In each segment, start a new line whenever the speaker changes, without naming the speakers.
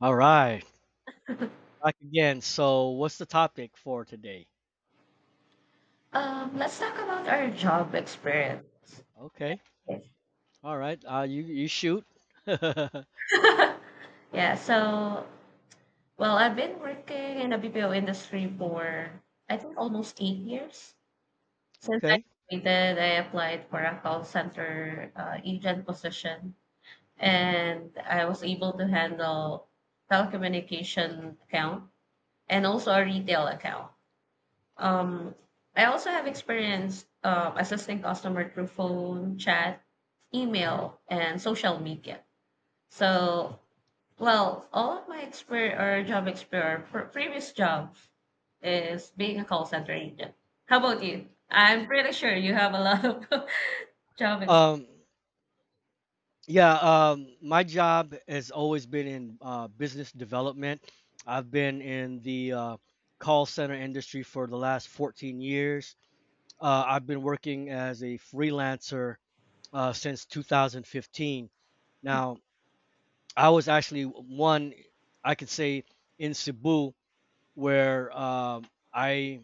All right, back again. So, what's the topic for today?
Let's talk about our job experience.
Okay. All right. You shoot. okay.
Yeah, so, well, I've been working in the BPO industry for, I think, almost 8 years. Since I graduated, I applied for a call center agent position, and I was able to handle telecommunication account and also a retail account. Um, I also have experience assisting customer through phone, chat, email, and social media. So, well, all of my experience or job experience, previous job is being a call center agent. How about you? I'm pretty sure you have a lot of job experience.
Um, yeah. My job has always been in business development. I've been in the call center industry for the last 14 years. I've been working as a freelancer since 2015. Now, I was actually one, I could say, in Cebu where I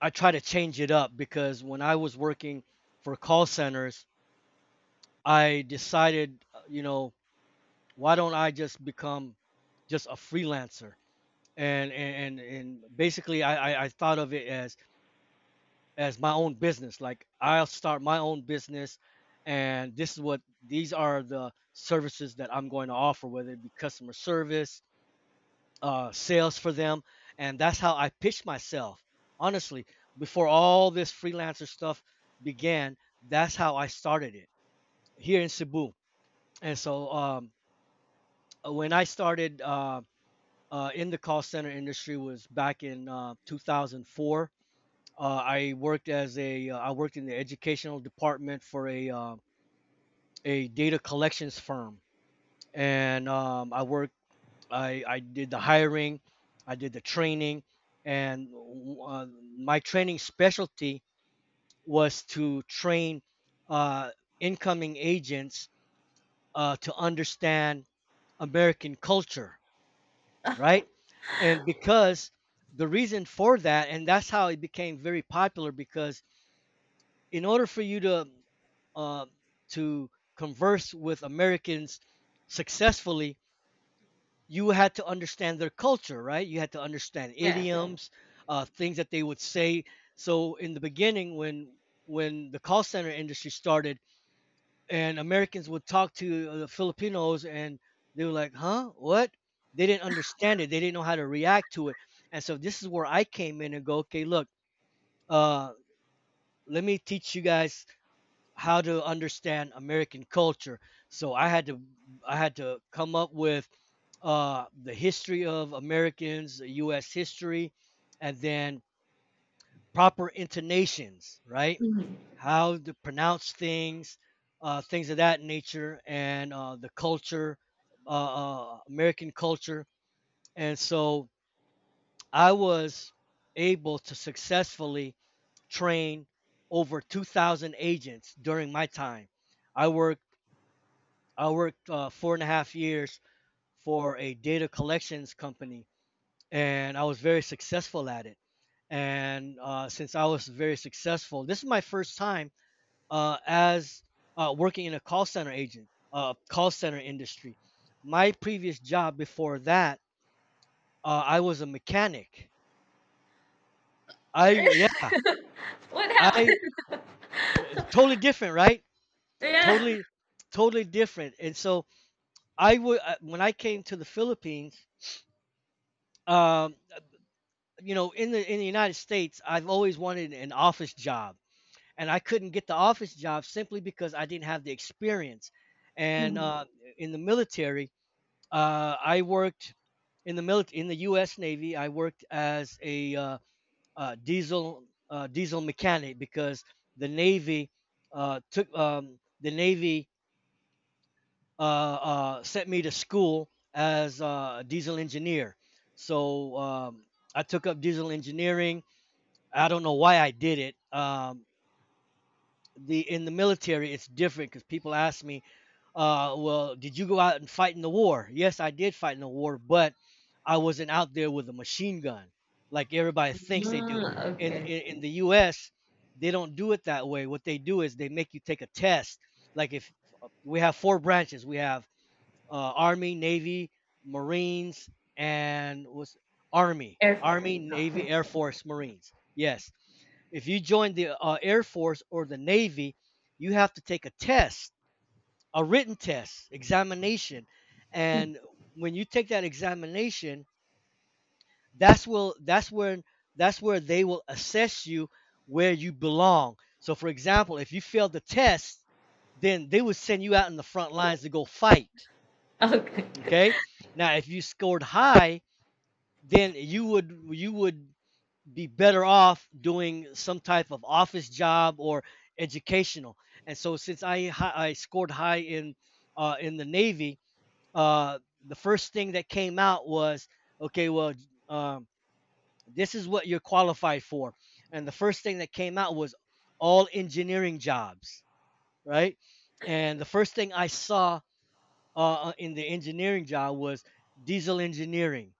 I try to change it up, because when I was working for call centers, I decided, why don't I just become just a freelancer? And basically, I thought of it as my own business. Like, I'll start my own business, and this is what these are the services that I'm going to offer, whether it be customer service, sales for them, and that's how I pitched myself. Honestly, before all this freelancer stuff began, that's how I started it here in Cebu. And so, when I started, in the call center industry, was back in 2004. I worked in the educational department for a data collections firm, and I did the hiring, I did the training, and uh, my training specialty was to train uh, incoming agents to understand American culture, right? And because, the reason for that, and that's how it became very popular, because in order for you to uh, to converse with Americans successfully, you had to understand their culture, right? You had to understand, sure,
Yeah.
idioms, things that they would say. So in the beginning, when the call center industry started, and Americans would talk to the Filipinos, and they were like, "Huh? What?" They didn't understand it. They didn't know how to react to it. And so this is where I came in and go, "Okay, look, uh, let me teach you guys." How to understand American culture. So I had to come up with the history of Americans, U.S. history, and then proper intonations, right?
Mhm.
How to pronounce things, things of that nature, and the culture, uh, American culture. And so I was able to successfully train over 2,000 agents during my time. I worked I worked 4.5 years for a data collections company, and I was very successful at it. And since I was very successful, this is my first time as working in a call center industry. My previous job before that, I was a mechanic. I yeah,
What happened?
I totally different, right?
Yeah.
Totally, totally different. And so, I would when I came to the Philippines, um, in the United States, I've always wanted an office job, and I couldn't get the office job simply because I didn't have the experience. And
Mhm.
in the military, I worked in the military in the U.S. Navy. I worked as a uh, uh, diesel uh, diesel mechanic, because the Navy uh, took um, the Navy sent me to school as a diesel engineer. So, I took up diesel engineering. I don't know why I did it. The in the military it's different, because people ask me, well, did you go out and fight in the war? Yes, I did fight in the war, but I wasn't out there with a machine gun like everybody thinks they do.
Mm,
in
okay.
in, in the US, they don't do it that way. What they do is they make you take a test. Like, if we have four branches, we have army, navy, marines, and what's army
Air.
army
Okay.
navy, air force, marines. Yes. If you join the Air Force or the Navy, you have to take a test, a written test, examination. And when you take that examination, that's will that's when that's where they will assess you where you belong. So, for example, if you failed the test, then they would send you out in the front lines to go fight.
Okay.
Okay? Now, if you scored high, then you would be better off doing some type of office job or educational. And so, since I scored high in, in the Navy, uh, the first thing that came out was, okay, well, um, this is what you're qualified for, and the first thing that came out was all engineering jobs, right? And the first thing I saw, in the engineering job, was diesel engineering,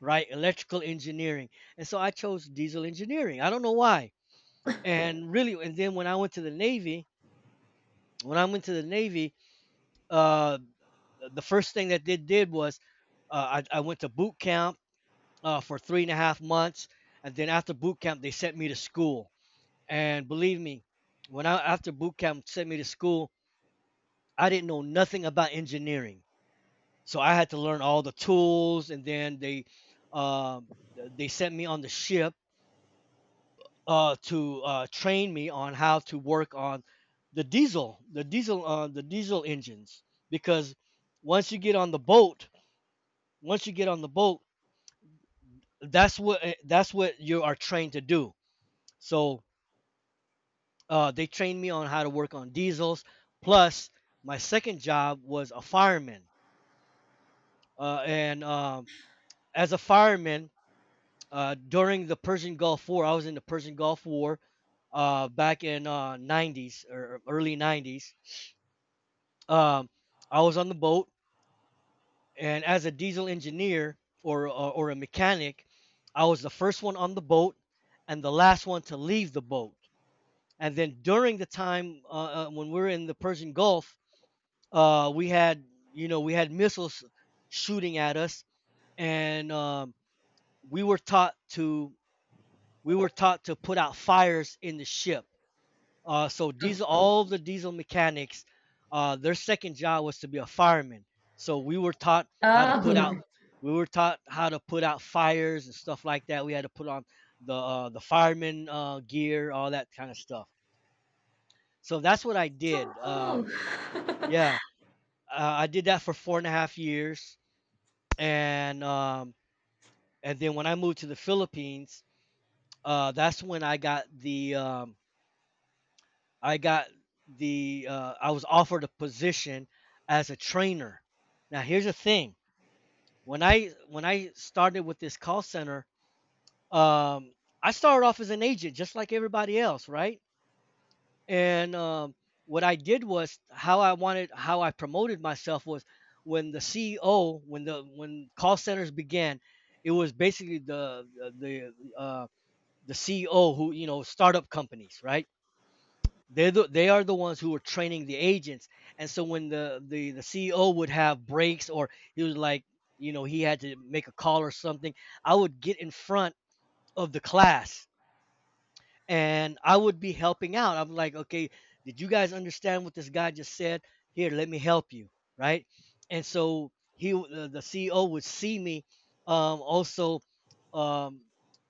right? Electrical engineering. And so I chose diesel engineering. I don't know why. And really, and then, when I went to the Navy, uh the first thing that they did was, I went to boot camp for 3.5 months, and then after boot camp they sent me to school. And believe me, when I, after boot camp sent me to school, I didn't know nothing about engineering, so I had to learn all the tools. And then um, they sent me on the ship to train me on how to work on the diesel engines. Because once you get on the boat, once you get on the boat, that's what you are trained to do. So they trained me on how to work on diesels. Plus, my second job was a fireman, and, as a fireman during the Persian Gulf War. I was in the Persian Gulf War back in, 90s or early 90s. Um, I was on the boat, and as a diesel engineer, or a mechanic, I was the first one on the boat and the last one to leave the boat. And then during the time, when we were in the Persian Gulf, uh, we had we had missiles shooting at us, and we were taught to we were taught to put out fires in the ship. So all the diesel mechanics, their second job was to be a fireman. So,
Oh,
we were taught how to put out fires and stuff like that. We had to put on the fireman gear, all that kind of stuff. So that's what I
so
did.
cool.
Um, yeah, uh, I did that for 4.5 years, and then when I moved to the Philippines, that's when I got the I got the I was offered a position as a trainer. Now, here's the thing: when I started with this call center, um, I started off as an agent just like everybody else, right? And what I did was how I wanted how I promoted myself was, when the CEO, when call centers began, it was basically the the uh, CEO, who, startup companies, right? They are the ones who were training the agents, and so when the CEO would have breaks, or he was like, he had to make a call or something, I would get in front of the class and I would be helping out. I'm like, okay, did you guys understand what this guy just said? Here, let me help you, right? And so the CEO would see me also um,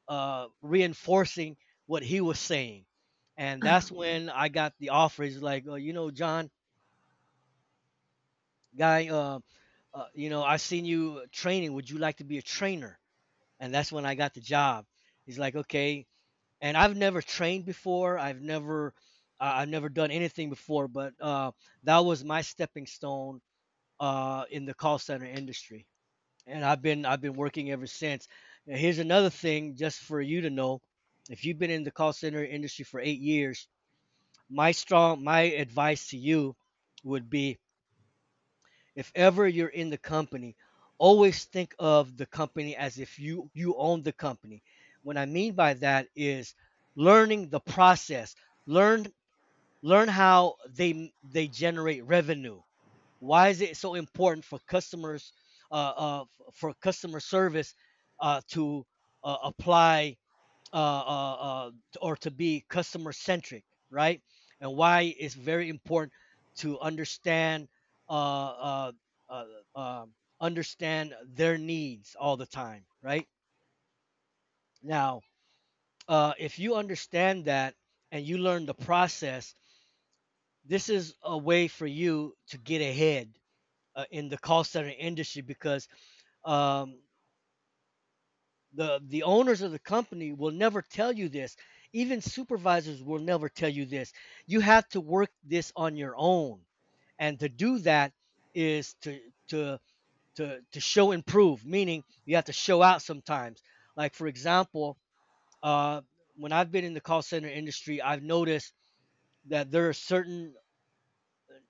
reinforcing what he was saying, and that's when I got the offer. He's like, oh, John, guy, I seen you training. Would you like to be a trainer? And that's when I got the job. He's like, okay. And I've never trained before. I've never done anything before, but that was my stepping stone in the call center industry, and I've been working ever since. And here's another thing, just for you to know: if you've been in the call center industry for 8 years, my advice to you would be, if ever you're in the company, always think of the company as if you own the company. What I mean by that is learning the process. Learn learn how they generate revenue. Why is it so important, for customers uh, uh, for customer service, to apply, uh, uh, uh, or to be customer centric, right? And why it's very important to understand uh, uh, uh, uh, understand their needs all the time, right? Now, if you understand that and you learn the process, this is a way for you to get ahead in the call center industry because um, the owners of the company will never tell you this, even supervisors will never tell you this. You have to work this on your own, and to do that is to to show improve, meaning you have to show out sometimes. Like for example, uh when I've been in the call center industry, I've noticed that there are certain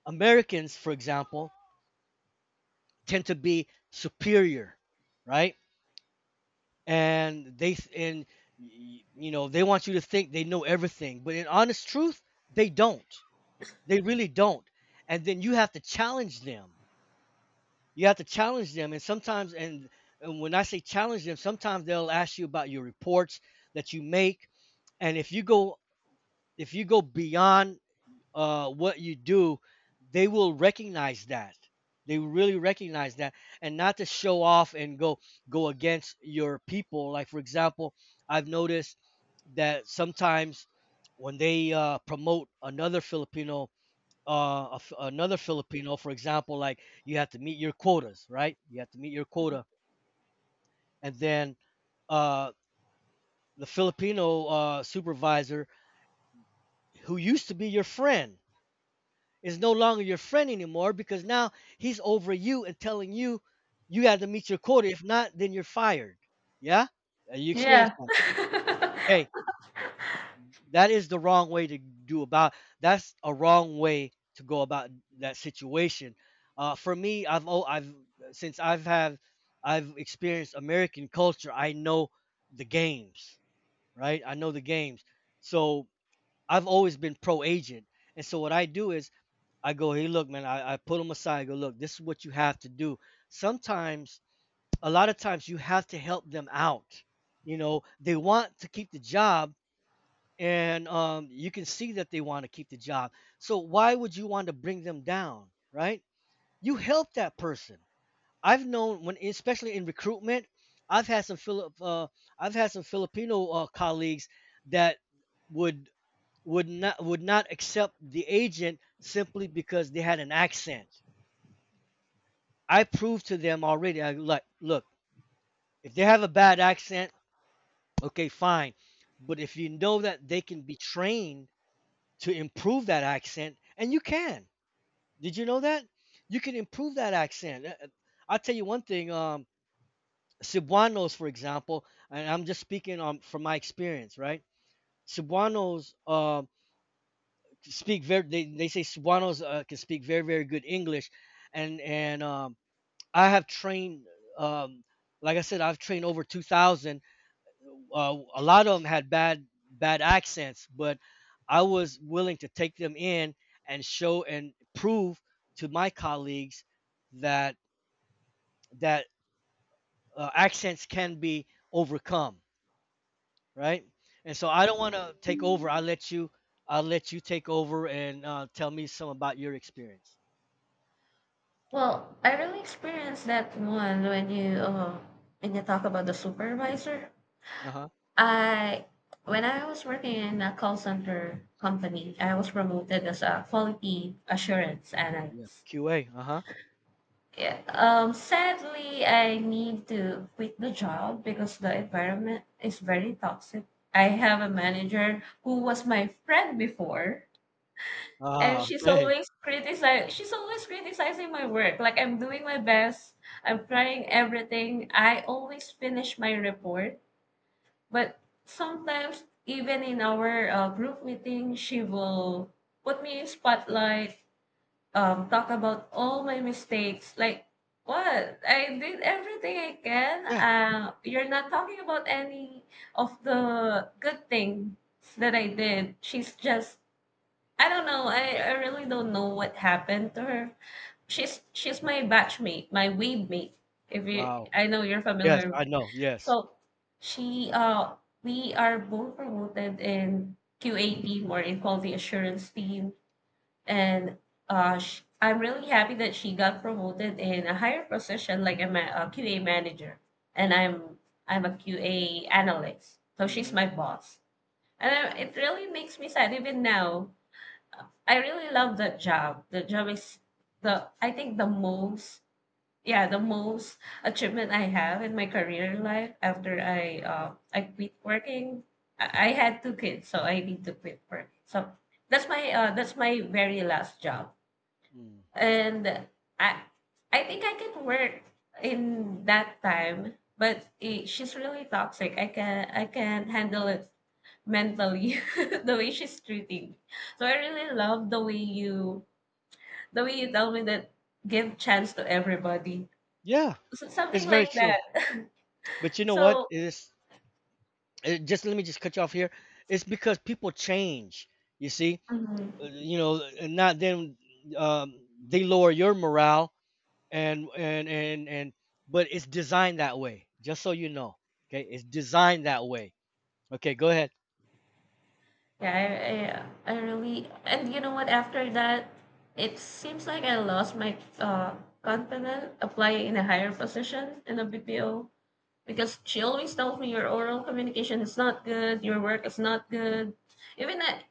Americans, for example, tend to be superior, right? And you know, they want you to think they know everything, but in honest truth, they don't. They really don't. And then you have to challenge them. You have to challenge them, and sometimes and when I say challenge them, sometimes they'll ask you about your reports that you make. And if you go beyond what you do, they will recognize that. They really recognize that, and not to show off and go against your people. Like for example, I've noticed that sometimes when they promote another Filipino, another Filipino, for example, like you have to meet your quotas, right? You have to meet your quota, and then uh, the Filipino supervisor who used to be your friend is no longer your friend anymore, because now he's over you and telling you you got to meet your quota. If not, then you're fired. Yeah. You experienced
Yeah.
that. Hey, that is the wrong way to do about. That's a wrong way to go about that situation. For me, I've oh, I've since I've have I've experienced American culture. I know the games, right? I know the games. So I've always been pro agent, and so what I do is I go, hey, look, man, I pull them aside. I go, look, this is what you have to do. Sometimes, a lot of times, you have to help them out. You know, they want to keep the job, and you can see that they want to keep the job. So why would you want to bring them down, right? You help that person. I've known when, especially in recruitment, I've had I've had some Filipino colleagues that would not accept the agent simply because they had an accent. I proved to them already. I like, look, if they have a bad accent, okay, fine. But if you know that they can be trained to improve that accent, and you can. Did you know that? You can improve that accent. I'll tell you one thing. Cebuanos, for example, and I'm just speaking from my experience, right? Cebuanos speak very. They say Cebuanos can speak very, very good English, and I have um, like I said, I've trained over 2,000. A lot of them had bad accents, but I was willing to take them in and show and prove to my colleagues that that accents can be overcome, right? And so I don't want to take over. I let you, I'll let you take over and tell me some about your experience.
Well, I really experienced that one when you talk about the supervisor.
Uh huh.
I When I was working in a call center company, I was promoted as a quality assurance
Yeah.
analyst.
QA. Uh huh.
Yeah. Sadly, I need to quit the job because the environment is very toxic. I
Yeah.
have a manager who was my friend before, and
Ah.
she's
Okay.
always criticize. She's always criticizing my work. Like, I'm doing my best. I'm trying everything. I always finish my report. But sometimes, even in our group meeting, she will put me in spotlight, talk about all my mistakes. Like, what? I did everything I can.
Yeah.
You're not talking about any of the good things that I did. She's just, I don't know. I really don't know what happened to her. She's my batchmate, my weed mate. If you,
Wow.
I know you're
Yes,
familiar.
I know. Yes.
So she we are both promoted in QA team or in quality assurance team, and I'm really happy that she got promoted in a higher position like a QA manager, and I'm a QA analyst. So she's
Hmm.
my boss. And it really makes me sad even now. I really love that job. The job is the I think the most, yeah, the most achievement I have in my career life after I quit working. I had two kids, so I need to quit work, so that's my very last job.
Mm.
And i I think I can work in that time, but she's really toxic. I can handle it mentally the way she's treating me. So I really love the way you tell me that. Give chance to everybody.
Yeah, it's
Something
very
like
true.
that.
But you know what?
So,
It is it, just let me just cut you off here. It's because people change. You see,
mhm,
You know, and not then they lower your morale and. But it's designed that way. Just so you know, okay, it's designed that way. Okay, go ahead.
yeah, I really, and you know what? After that, it seems like I lost my confidence applying in a higher position in a BPO because she always tells me your oral communication is not good, your work is not good. Even I,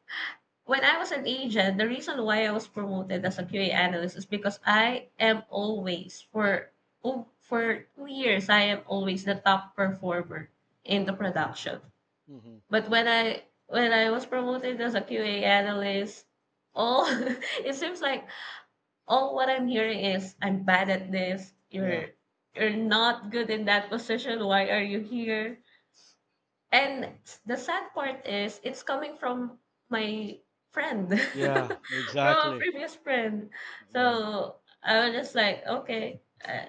when I was an agent, the reason why I was promoted as a QA analyst is because I am always for, oh, for 2 years I am always the top performer in the production.
Hmm.
But when I was promoted as a QA analyst, all it seems like all what I'm hearing is I'm bad at this.
Yeah.
You're not good in that position. Why are you here? And the sad part is it's coming from my friend,
Yeah.
from a
Exactly.
previous friend.
Yeah.
So I was just like, okay,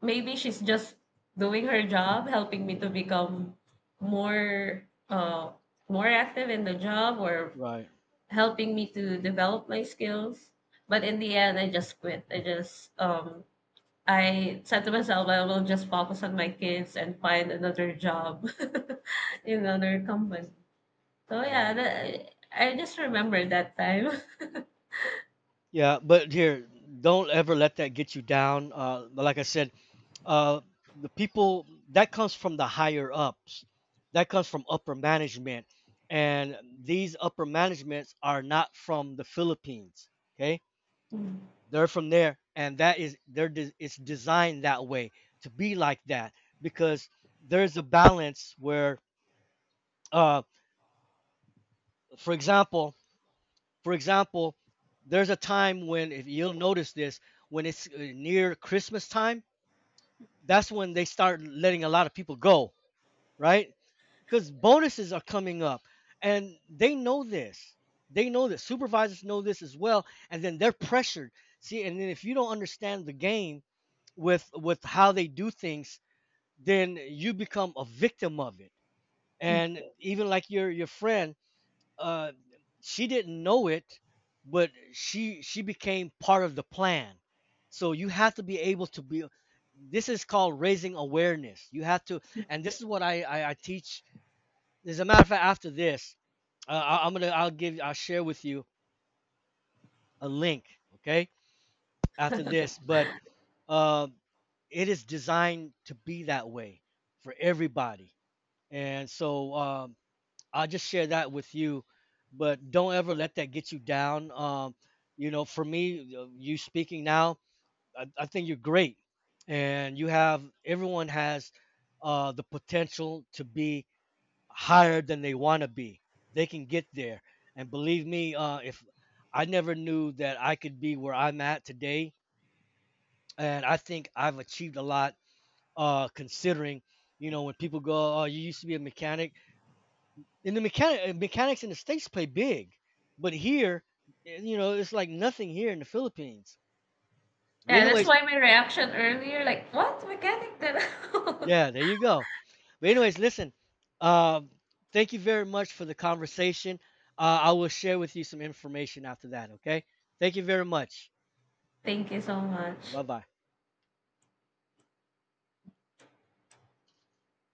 maybe she's just doing her job, helping me to become more uh, more active in the job, or
Right.
helping me to develop my skills. But in the end, I just quit. I said to myself, I will just focus on my kids and find another job in another company. So yeah,
Right.
I just remember that time.
Yeah, but here, don't ever let that get you down. But like I said, uh, the people that comes from the higher ups, that comes from upper management, and these upper managements are not from the Philippines, okay.
Mm.
They're from there, and that is they're de- it's designed that way to be like that, because there's a balance where uh for example, for example there's a time when, if you'll notice this, when it's near Christmas time, that's when they start letting a lot of people go, right? Because bonuses are coming up, and they know this. They know that supervisors know this as well, and then they're pressured. See, and then if you don't understand the game with how they do things, then you become a victim of it. And even like your friend, uh she didn't know it, but she became part of the plan. So you have to be able to be, this is called raising awareness. You have to, and this is what I teach. As a matter of fact, after this, I, am gonna I'll give I'll share with you a link. Okay, after this, but uh, it is designed to be that way for everybody, and so I'll just share that with you. But don't ever let that get you down. You know, for me, you speaking now, I think you're great, and you have everyone has the potential to be higher than they want to be. They can get there. And believe me, if I never knew that I could be where I'm at today, and I think I've achieved a lot. Considering, you know, when people go, "Oh, you used to be a mechanic," and the mechanic mechanics in the states play big, but here, eh, you know, it's like nothing here in the Philippines. But
Yeah, that's
anyways,
why my reaction earlier, like, what mechanic? Then
yeah, there you go. But anyways, listen. Um, thank you very much for the conversation. I will share with you some information after that. Okay. Thank you very much.
thank you so much.
Bye bye.